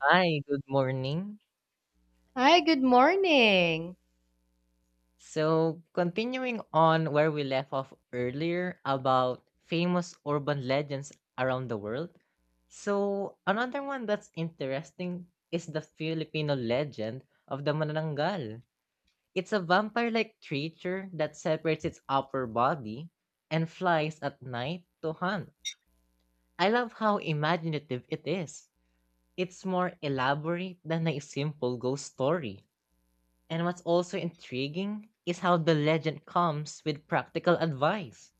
Hi, good morning. Hi, good morning. So, continuing on where we left off earlier about famous urban legends around the world. So, another one that's interesting is the Filipino legend of the Manananggal. It's a vampire like creature that separates its upper body and flies at night to hunt. I love how imaginative it is. It's more elaborate than a simple ghost story. And what's also intriguing is how the legend comes with practical advice,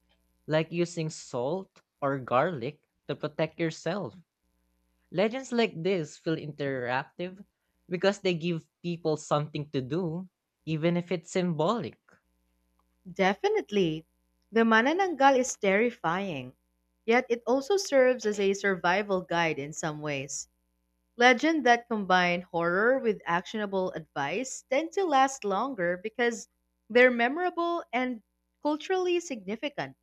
like using salt or garlic to protect yourself. Legends like this feel interactive because they give people something to do, even if it's symbolic. Definitely. The manananggal is terrifying, yet it also serves as a survival guide in some ways. Legends that combine horror with actionable advice tend to last longer because they're memorable and culturally significant,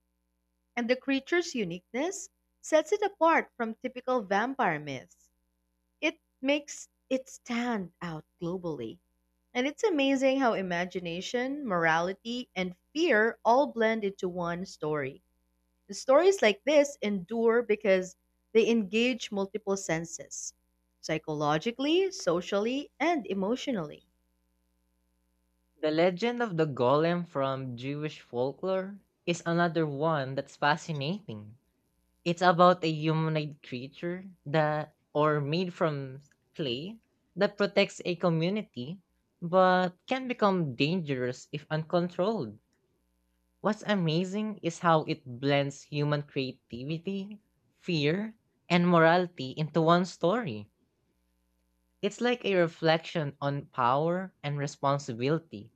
and the creature's uniqueness sets it apart from typical vampire myths. It makes it stand out globally. And it's amazing how imagination, morality, and fear all blend into one story. Stories like this endure because they engage multiple senses psychologically, socially, and emotionally. The legend of the golem from Jewish folklore is another one that's fascinating. It's about a humanoid creature that or made from clay that protects a community but can become dangerous if uncontrolled. What's amazing is how it blends human creativity, fear, and morality into one story. It's like a reflection on power and responsibility,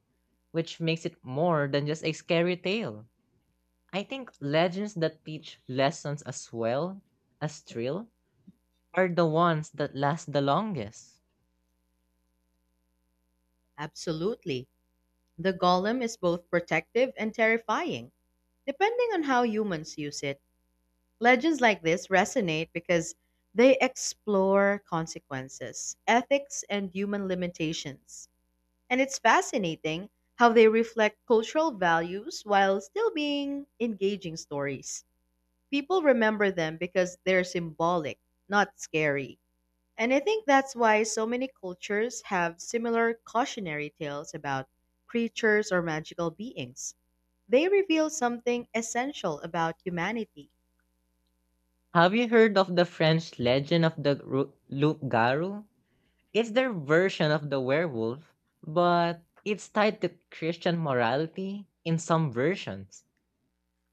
which makes it more than just a scary tale. I think legends that teach lessons as well as thrill are the ones that last the longest. Absolutely. The golem is both protective and terrifying, depending on how humans use it. Legends like this resonate because they explore consequences, ethics, and human limitations. And it's fascinating how they reflect cultural values while still being engaging stories. People remember them because they're symbolic, not scary. And I think that's why so many cultures have similar cautionary tales about creatures or magical beings. They reveal something essential about humanity. Have you heard of the French legend of the Loup Garou? It's their version of the werewolf, but it's tied to Christian morality in some versions.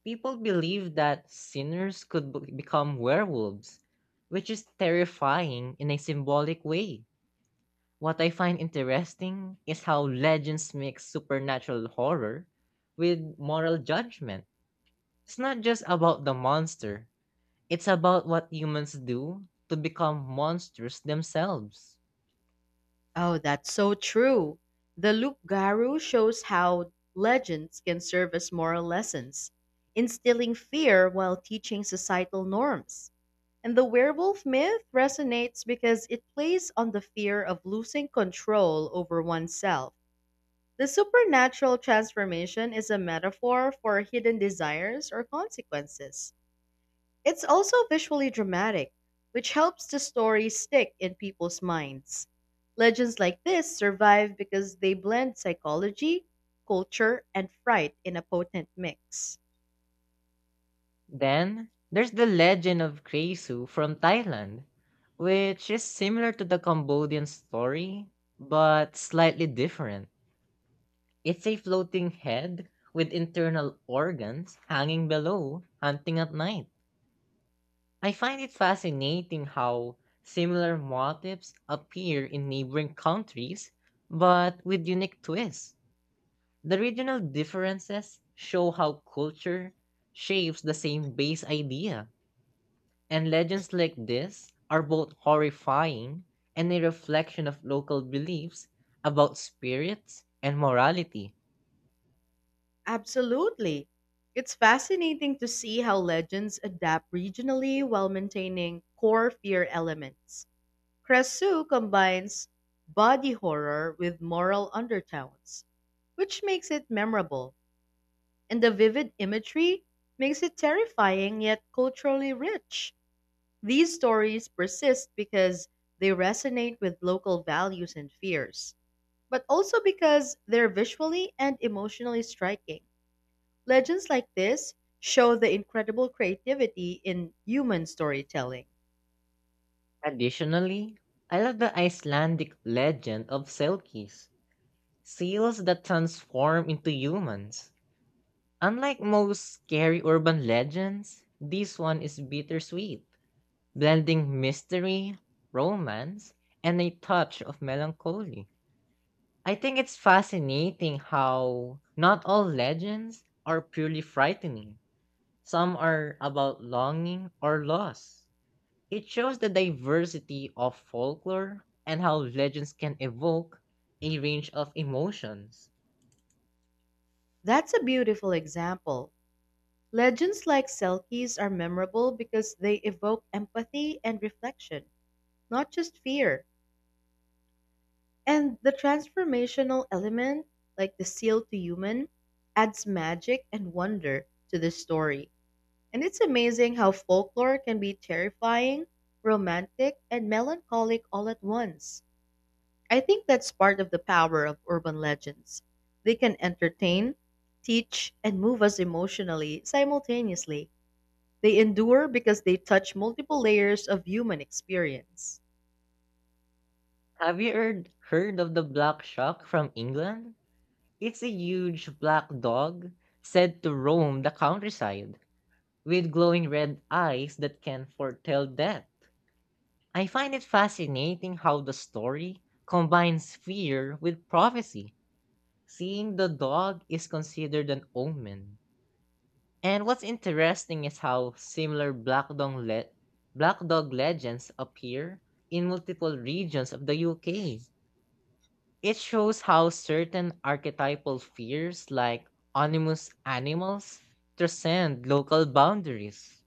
People believe that sinners become werewolves, which is terrifying in a symbolic way. What I find interesting is how legends mix supernatural horror with moral judgment. It's not just about the monster. It's about what humans do to become monsters themselves. Oh, that's so true. The Luke Garu shows how legends can serve as moral lessons, instilling fear while teaching societal norms. And the werewolf myth resonates because it plays on the fear of losing control over oneself. The supernatural transformation is a metaphor for hidden desires or consequences. It's also visually dramatic, which helps the story stick in people's minds. Legends like this survive because they blend psychology, culture, and fright in a potent mix. Then, there's the legend of Kresu from Thailand, which is similar to the Cambodian story, but slightly different. It's a floating head with internal organs hanging below, hunting at night. I find it fascinating how similar motifs appear in neighboring countries, but with unique twists. The regional differences show how culture shapes the same base idea, and legends like this are both horrifying and a reflection of local beliefs about spirits and morality. Absolutely. It's fascinating to see how legends adapt regionally while maintaining core fear elements. Cresu combines body horror with moral undertones, which makes it memorable. And the vivid imagery makes it terrifying yet culturally rich. These stories persist because they resonate with local values and fears, but also because they're visually and emotionally striking. Legends like this show the incredible creativity in human storytelling. Additionally, I love the Icelandic legend of Selkies, seals that transform into humans. Unlike most scary urban legends, this one is bittersweet, blending mystery, romance, and a touch of melancholy. I think it's fascinating how not all legends are purely frightening. Some are about longing or loss. It shows the diversity of folklore and how legends can evoke a range of emotions. That's a beautiful example. Legends like Selkies are memorable because they evoke empathy and reflection, not just fear. And the transformational element, like the seal to human, adds magic and wonder to the story. And it's amazing how folklore can be terrifying, romantic, and melancholic all at once. I think that's part of the power of urban legends. They can entertain, teach, and move us emotionally simultaneously. They endure because they touch multiple layers of human experience. Have you heard of the black shark from England? It's a huge black dog said to roam the countryside with glowing red eyes that can foretell death. I find it fascinating how the story combines fear with prophecy. Seeing the dog is considered an omen. And what's interesting is how similar black dog legends appear in multiple regions of the UK. It shows how certain archetypal fears like animus animals transcend local boundaries.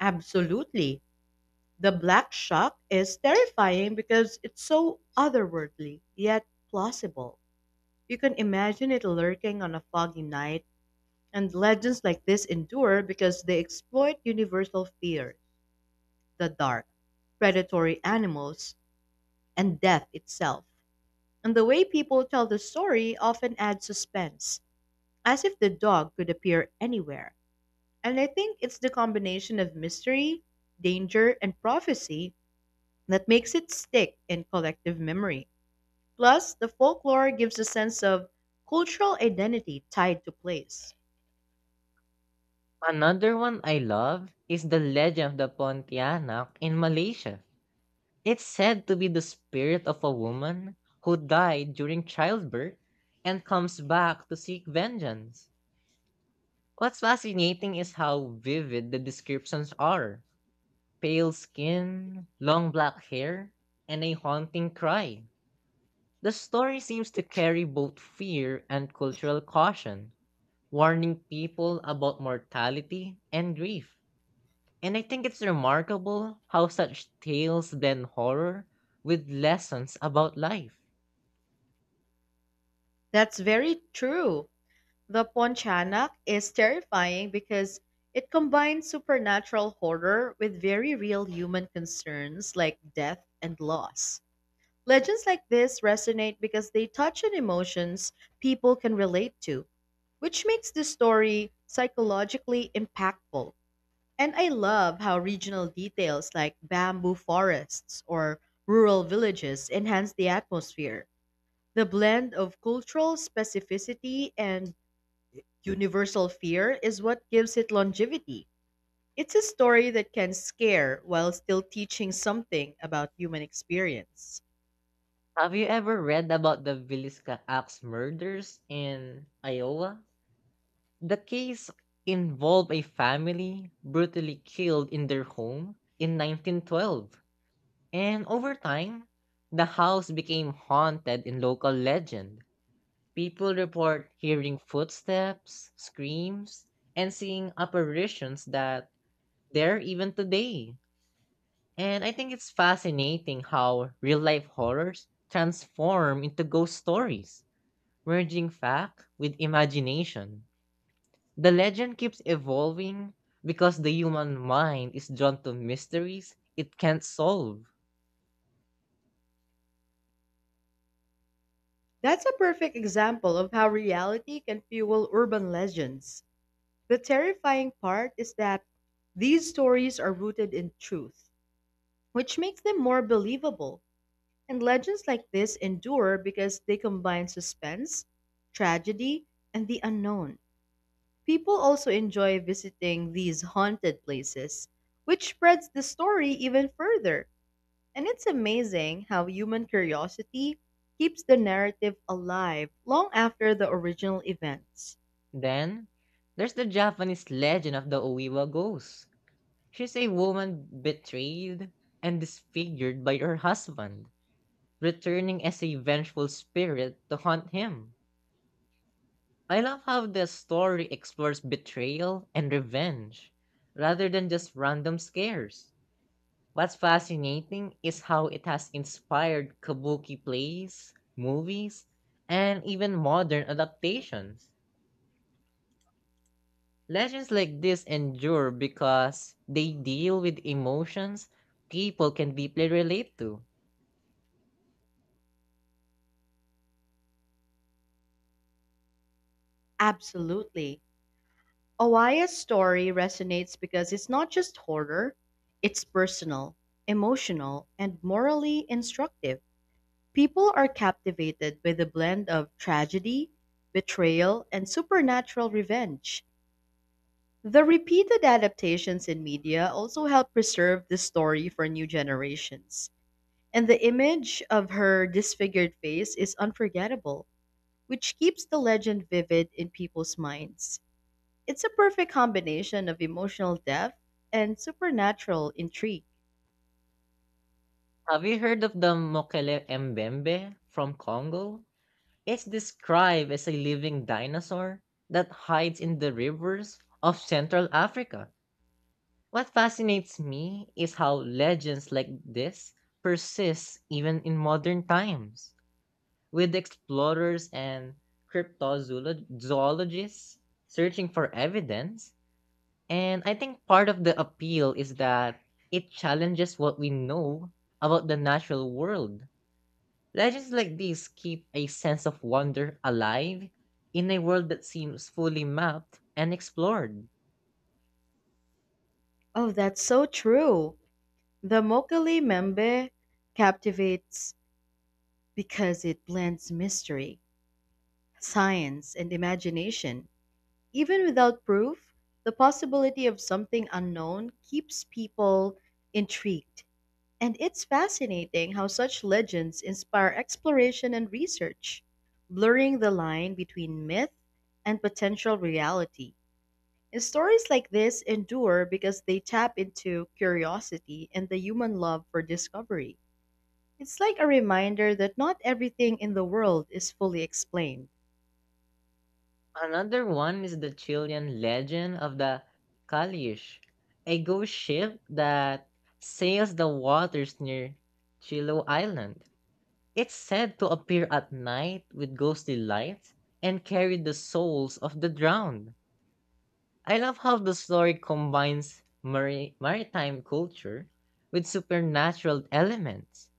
Absolutely. The Black Shock is terrifying because it's so otherworldly, yet plausible. You can imagine it lurking on a foggy night, and legends like this endure because they exploit universal fear, the dark, predatory animals, and death itself. And the way people tell the story often adds suspense, as if the dog could appear anywhere. And I think it's the combination of mystery, danger, and prophecy that makes it stick in collective memory. Plus, the folklore gives a sense of cultural identity tied to place. Another one I love is the legend of the Pontianak in Malaysia. It's said to be the spirit of a woman who died during childbirth and comes back to seek vengeance. What's fascinating is how vivid the descriptions are: pale skin, long black hair, and a haunting cry. The story seems to carry both fear and cultural caution, warning people about mortality and grief. And I think it's remarkable how such tales blend horror with lessons about life. That's very true. The Ponchanak is terrifying because it combines supernatural horror with very real human concerns like death and loss. Legends like this resonate because they touch on emotions people can relate to, which makes the story psychologically impactful. And I love how regional details like bamboo forests or rural villages enhance the atmosphere. The blend of cultural specificity and universal fear is what gives it longevity. It's a story that can scare while still teaching something about human experience. Have you ever read about the Villisca Axe murders in Iowa? The case involved a family brutally killed in their home in 1912. And over time, the house became haunted in local legend. People report hearing footsteps, screams, and seeing apparitions that there even today. And I think it's fascinating how real life horrors transform into ghost stories, merging fact with imagination. The legend keeps evolving because the human mind is drawn to mysteries it can't solve. That's a perfect example of how reality can fuel urban legends. The terrifying part is that these stories are rooted in truth, which makes them more believable. And legends like this endure because they combine suspense, tragedy, and the unknown. People also enjoy visiting these haunted places, which spreads the story even further. And it's amazing how human curiosity keeps the narrative alive long after the original events. Then, there's the Japanese legend of the Oiwa ghost. She's a woman betrayed and disfigured by her husband, returning as a vengeful spirit to haunt him. I love how the story explores betrayal and revenge rather than just random scares. What's fascinating is how it has inspired kabuki plays, movies, and even modern adaptations. Legends like this endure because they deal with emotions people can deeply relate to. Absolutely. Awaya's story resonates because it's not just horror, it's personal, emotional, and morally instructive. People are captivated by the blend of tragedy, betrayal, and supernatural revenge. The repeated adaptations in media also help preserve the story for new generations. And the image of her disfigured face is unforgettable, which keeps the legend vivid in people's minds. It's a perfect combination of emotional depth and supernatural intrigue. Have you heard of the Mokele Mbembe from Congo? It's described as a living dinosaur that hides in the rivers of Central Africa. What fascinates me is how legends like this persist even in modern times, with explorers and cryptozoologists searching for evidence. And I think part of the appeal is that it challenges what we know about the natural world. Legends like these keep a sense of wonder alive in a world that seems fully mapped and explored. Oh, that's so true. The Mokele Membe captivates because it blends mystery, science, and imagination. Even without proof, the possibility of something unknown keeps people intrigued. And it's fascinating how such legends inspire exploration and research, blurring the line between myth and potential reality. Stories like this endure because they tap into curiosity and the human love for discovery. It's like a reminder that not everything in the world is fully explained. Another one is the Chilean legend of the Calish, a ghost ship that sails the waters near Chilo Island. It's said to appear at night with ghostly lights and carry the souls of the drowned. I love how the story combines maritime culture with supernatural elements.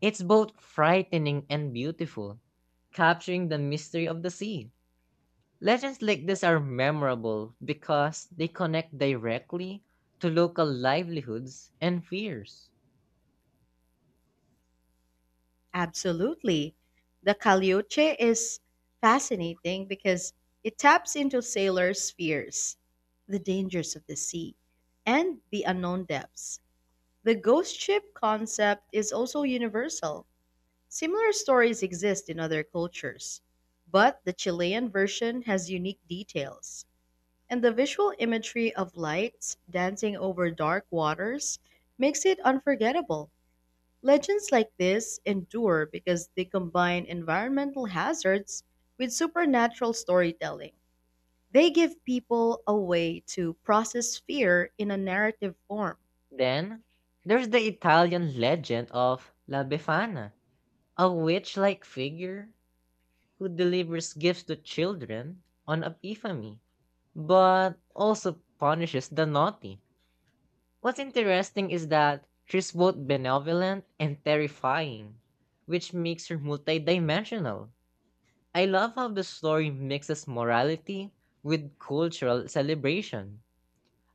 It's both frightening and beautiful, capturing the mystery of the sea. Legends like this are memorable because they connect directly to local livelihoods and fears. Absolutely. The Calioche is fascinating because it taps into sailors' fears, the dangers of the sea, and the unknown depths. The ghost ship concept is also universal. Similar stories exist in other cultures, but the Chilean version has unique details, and the visual imagery of lights dancing over dark waters makes it unforgettable. Legends like this endure because they combine environmental hazards with supernatural storytelling. They give people a way to process fear in a narrative form. Then, there's the Italian legend of La Befana, a witch like figure who delivers gifts to children on Epiphany, but also punishes the naughty. What's interesting is that she's both benevolent and terrifying, which makes her multidimensional. I love how the story mixes morality with cultural celebration.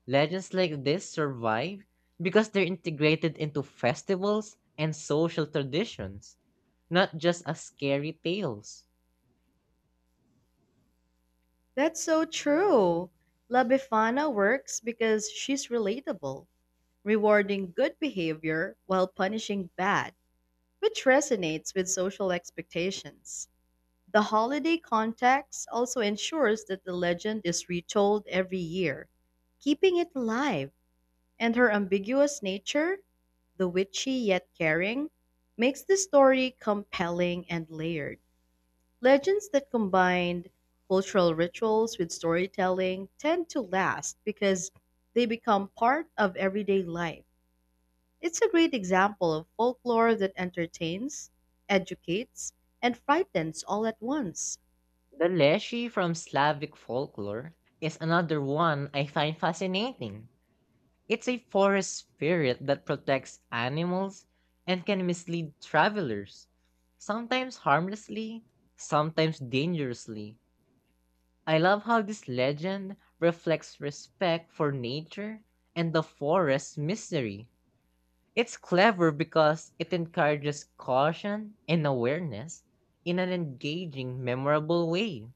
Legends like this survive because they're integrated into festivals and social traditions, not just as scary tales. That's so true. La Befana works because she's relatable, rewarding good behavior while punishing bad, which resonates with social expectations. The holiday context also ensures that the legend is retold every year, keeping it alive, and her ambiguous nature, the witchy yet caring, makes the story compelling and layered. Legends that combine cultural rituals with storytelling tend to last because they become part of everyday life. It's a great example of folklore that entertains, educates, and frightens all at once. The Leshy from Slavic folklore is another one I find fascinating. It's a forest spirit that protects animals and can mislead travelers, sometimes harmlessly, sometimes dangerously. I love how this legend reflects respect for nature and the forest's mystery. It's clever because it encourages caution and awareness in an engaging, memorable way.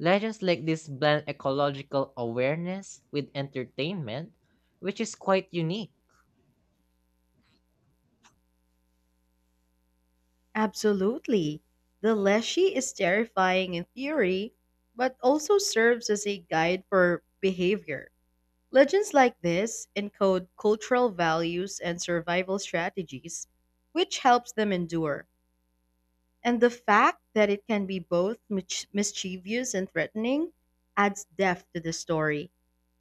Legends like this blend ecological awareness with entertainment, which is quite unique. Absolutely. The Leshy is terrifying in theory, but also serves as a guide for behavior. Legends like this encode cultural values and survival strategies, which helps them endure. And the fact that it can be both mischievous and threatening adds depth to the story.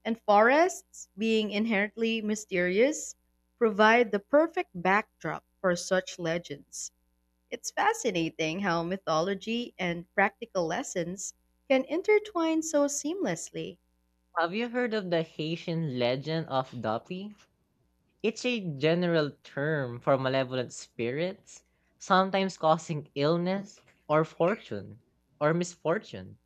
And forests, being inherently mysterious, provide the perfect backdrop for such legends. It's fascinating how mythology and practical lessons can intertwine so seamlessly. Have you heard of the Haitian legend of Doppy? It's a general term for malevolent spirits, sometimes causing illness or fortune or misfortune.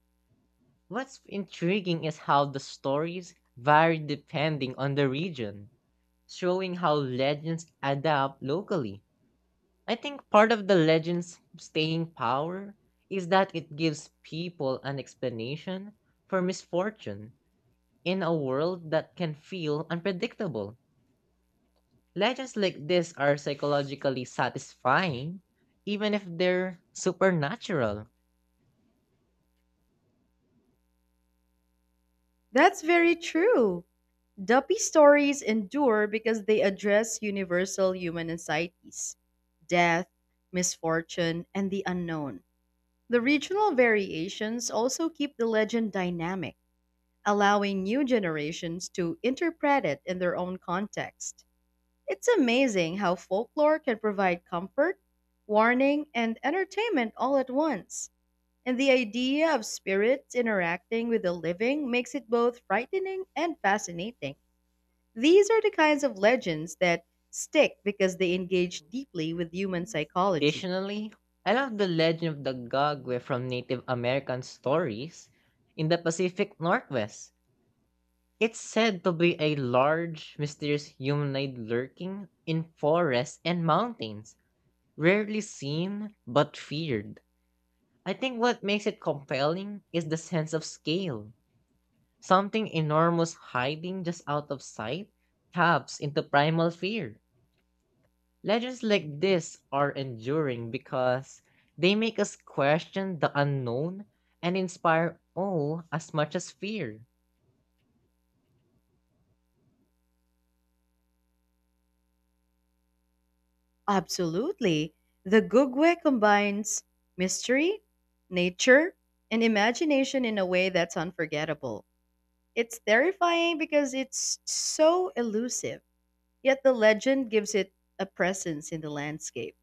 What's intriguing is how the stories vary depending on the region, showing how legends adapt locally. I think part of the legend's staying power is that it gives people an explanation for misfortune in a world that can feel unpredictable. Legends like this are psychologically satisfying, even if they're supernatural. That's very true. Duppy stories endure because they address universal human anxieties, death, misfortune, and the unknown. The regional variations also keep the legend dynamic, allowing new generations to interpret it in their own context. It's amazing how folklore can provide comfort, warning, and entertainment all at once. And the idea of spirits interacting with the living makes it both frightening and fascinating. These are the kinds of legends that stick because they engage deeply with human psychology. Additionally, I love the legend of the Gagwe from Native American stories in the Pacific Northwest. It's said to be a large, mysterious humanoid lurking in forests and mountains, rarely seen but feared. I think what makes it compelling is the sense of scale. Something enormous hiding just out of sight taps into primal fear. Legends like this are enduring because they make us question the unknown and inspire awe as much as fear. Absolutely. The Gugwe combines mystery, nature, and imagination in a way that's unforgettable. It's terrifying because it's so elusive, yet the legend gives it a presence in the landscape.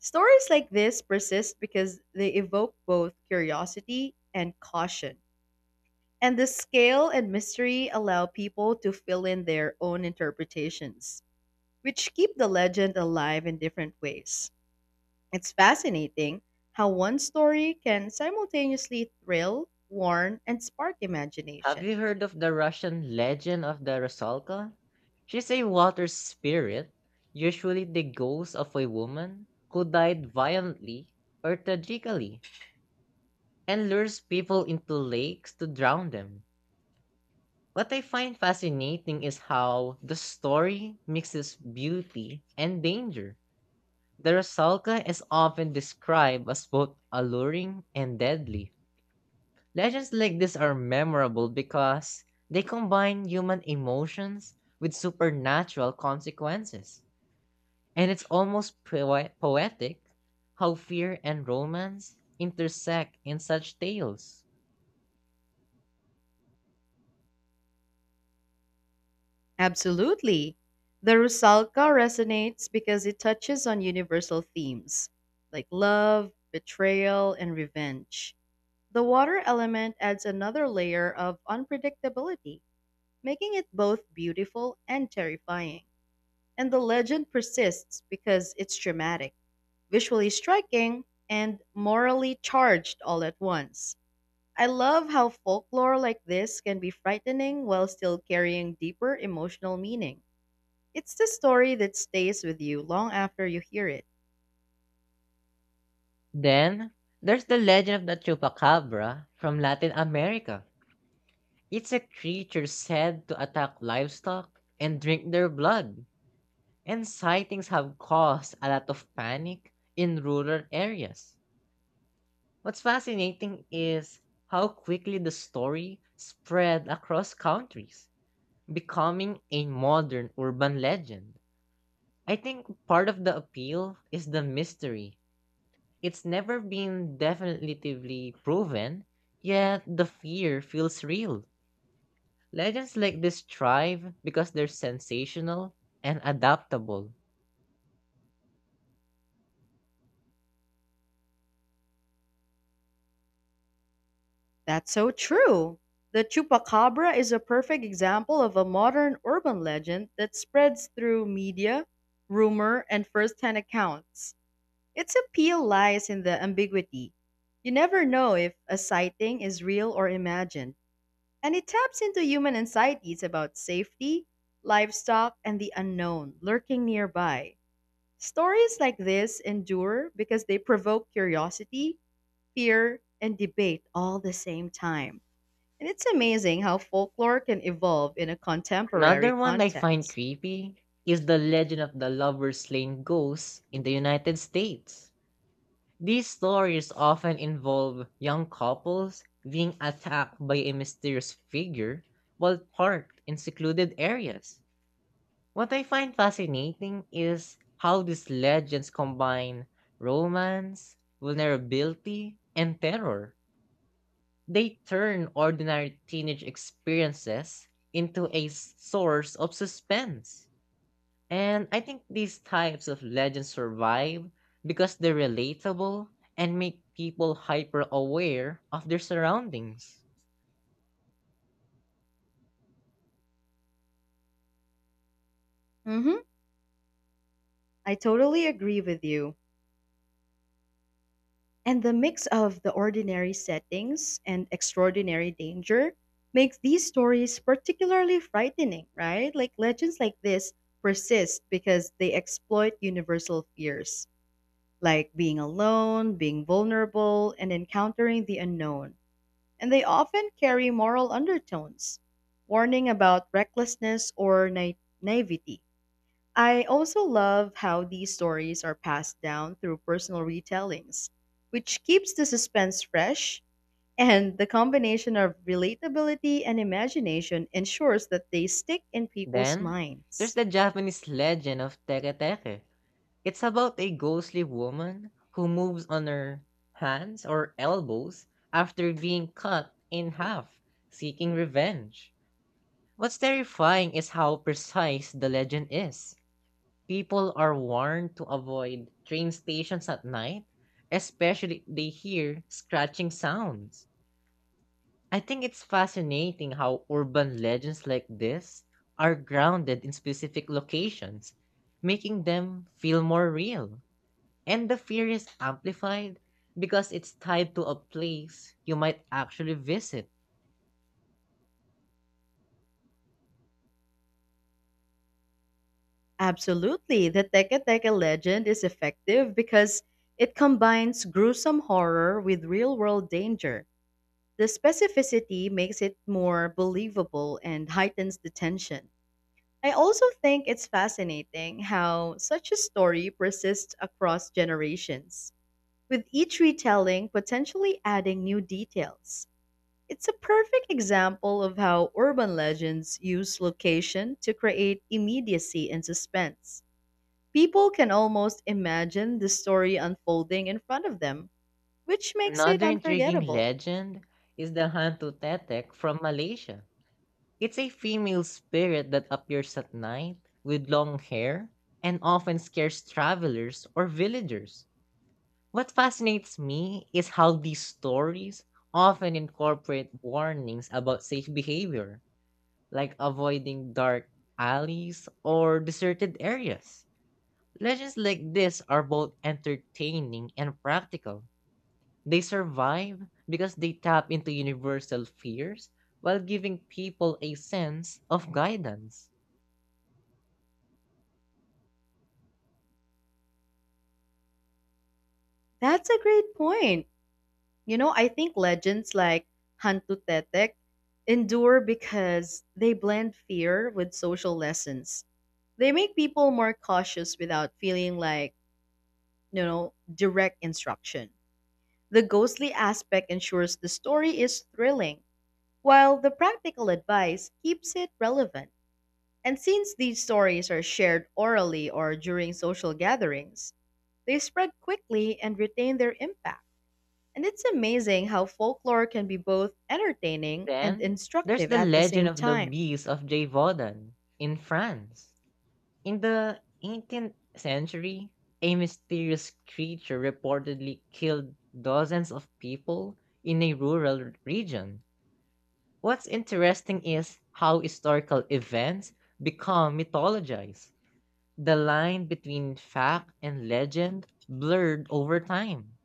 Stories like this persist because they evoke both curiosity and caution. And the scale and mystery allow people to fill in their own interpretations, which keep the legend alive in different ways. It's fascinating how one story can simultaneously thrill, warn, and spark Have imagination. you heard of the Russian legend of the Rusalka? She's a water spirit, usually the ghost of a woman who died violently or tragically, and lures people into lakes to drown them. What I find fascinating is how the story mixes beauty and danger. The Rusalka is often described as both alluring and deadly. Legends like this are memorable because they combine human emotions with supernatural consequences. And it's almost poetic how fear and romance intersect in such tales. Absolutely. The Rusalka resonates because it touches on universal themes like love, betrayal, and revenge. The water element adds another layer of unpredictability, making it both beautiful and terrifying. And the legend persists because it's dramatic, visually striking, and morally charged all at once. I love how folklore like this can be frightening while still carrying deeper emotional meaning. It's the story that stays with you long after you hear it. Then, there's the legend of the chupacabra from Latin America. It's a creature said to attack livestock and drink their blood. And sightings have caused a lot of panic in rural areas. What's fascinating is how quickly the story spread across countries, becoming a modern urban legend. I think part of the appeal is the mystery. It's never been definitively proven, yet the fear feels real. Legends like this thrive because they're sensational and adaptable. That's so true. The chupacabra is a perfect example of a modern urban legend that spreads through media, rumor, and first hand accounts. Its appeal lies in the ambiguity. You never know if a sighting is real or imagined. And it taps into human anxieties about safety, livestock, and the unknown lurking nearby. Stories like this endure because they provoke curiosity, fear, and debate all the same time. And it's amazing how folklore can evolve in a contemporary Another one I find context. creepy is the legend of the Lover's Lane ghost in the United States. These stories often involve young couples being attacked by a mysterious figure while parked in secluded areas. What I find fascinating is how these legends combine romance, vulnerability, and terror. They turn ordinary teenage experiences into a source of suspense. And I think these types of legends survive because they're relatable and make people hyper aware of their surroundings. Mm-hmm. I totally agree with you. And the mix of the ordinary settings and extraordinary danger makes these stories particularly frightening, right? Like legends like this persist because they exploit universal fears, like being alone, being vulnerable, and encountering the unknown. And they often carry moral undertones, warning about recklessness or naivety. I also love how these stories are passed down through personal retellings, which keeps the suspense fresh, and the combination of relatability and imagination ensures that they stick in people's Then, there's minds. the Japanese legend of Tere Tere. It's about a ghostly woman who moves on her hands or elbows after being cut in half, seeking revenge. What's terrifying is how precise the legend is. People are warned to avoid train stations at night, especially if they hear scratching sounds. I think it's fascinating how urban legends like this are grounded in specific locations, making them feel more real. And the fear is amplified because it's tied to a place you might actually visit. Absolutely, the Teke Teke legend is effective because it combines gruesome horror with real world danger. The specificity makes it more believable and heightens the tension. I also think it's fascinating how such a story persists across generations, with each retelling potentially adding new details. It's a perfect example of how urban legends use location to create immediacy and suspense. People can almost imagine the story unfolding in front of them, which makes it Another intriguing unforgettable. legend is the Hantu Tetek from Malaysia. It's a female spirit that appears at night with long hair and often scares travelers or villagers. What fascinates me is how these stories often incorporate warnings about safe behavior, like avoiding dark alleys or deserted areas. Legends like this are both entertaining and practical. They survive because they tap into universal fears while giving people a sense of guidance. That's a great point. You know, I think legends like Hantu Tetek endure because they blend fear with social lessons. They make people more cautious without feeling like, direct instruction. The ghostly aspect ensures the story is thrilling, while the practical advice keeps it relevant. And since these stories are shared orally or during social gatherings, they spread quickly and retain their impact. And it's amazing how folklore can be both entertaining and Then there's instructive the at the legend same of the time. bees of Gévaudan in France. In the 18th century, a mysterious creature reportedly killed dozens of people in a region. What's interesting is how historical events become mythologized. The line between fact and legend blurred over time.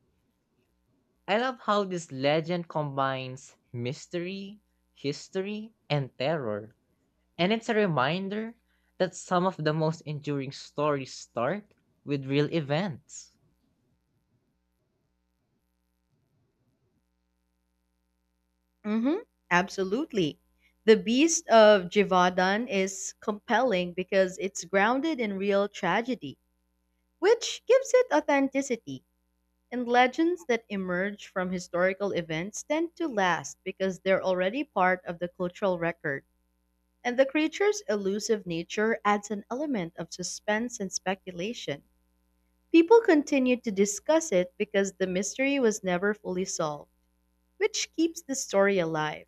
I love how this legend combines mystery, history, and terror. And it's a reminder that some of the most enduring stories start with real events. hmm Absolutely. The Beast of Jivadan is compelling because it's grounded in real tragedy, which gives it authenticity. And legends that emerge from historical events tend to last because they're already part of the cultural record. And the creature's elusive nature adds an element of suspense and speculation. People continued to discuss it because the mystery was never fully solved, which keeps the story alive.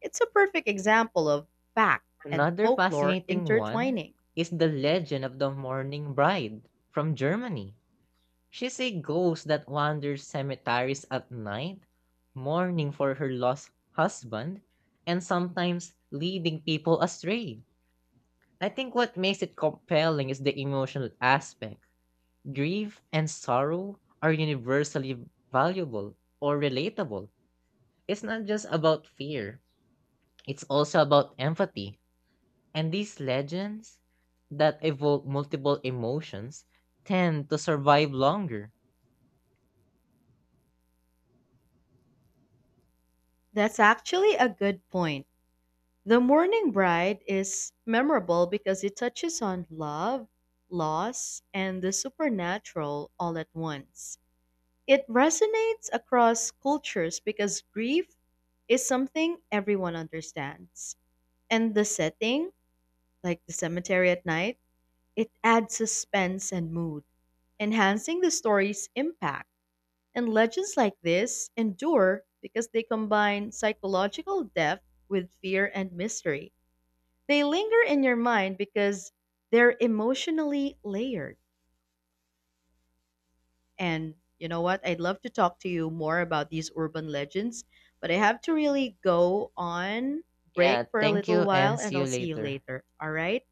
It's a perfect example of fact and Another folklore fascinating one intertwining. is the legend of the Morning Bride from Germany. She's a ghost that wanders cemeteries at night, mourning for her lost husband, and sometimes leading people astray. I think what makes it compelling is the emotional aspect. Grief and sorrow are universally valuable or relatable. It's not just about fear, it's also about empathy. And these legends that evoke multiple emotions tend to survive longer. That's actually a good point. The Morning Bride is memorable because it touches on love, loss, and the supernatural all at once. It resonates across cultures because grief is something everyone understands. And the setting, like the cemetery at night, it adds suspense and mood, enhancing the story's impact. And legends like this endure because they combine psychological depth with fear and mystery. They linger in your mind because they're emotionally layered. And you know what? I'd love to talk to you more about these urban legends, but I have to really go on break Yeah, for a thank you little while and see and you I'll see you later. later. All right?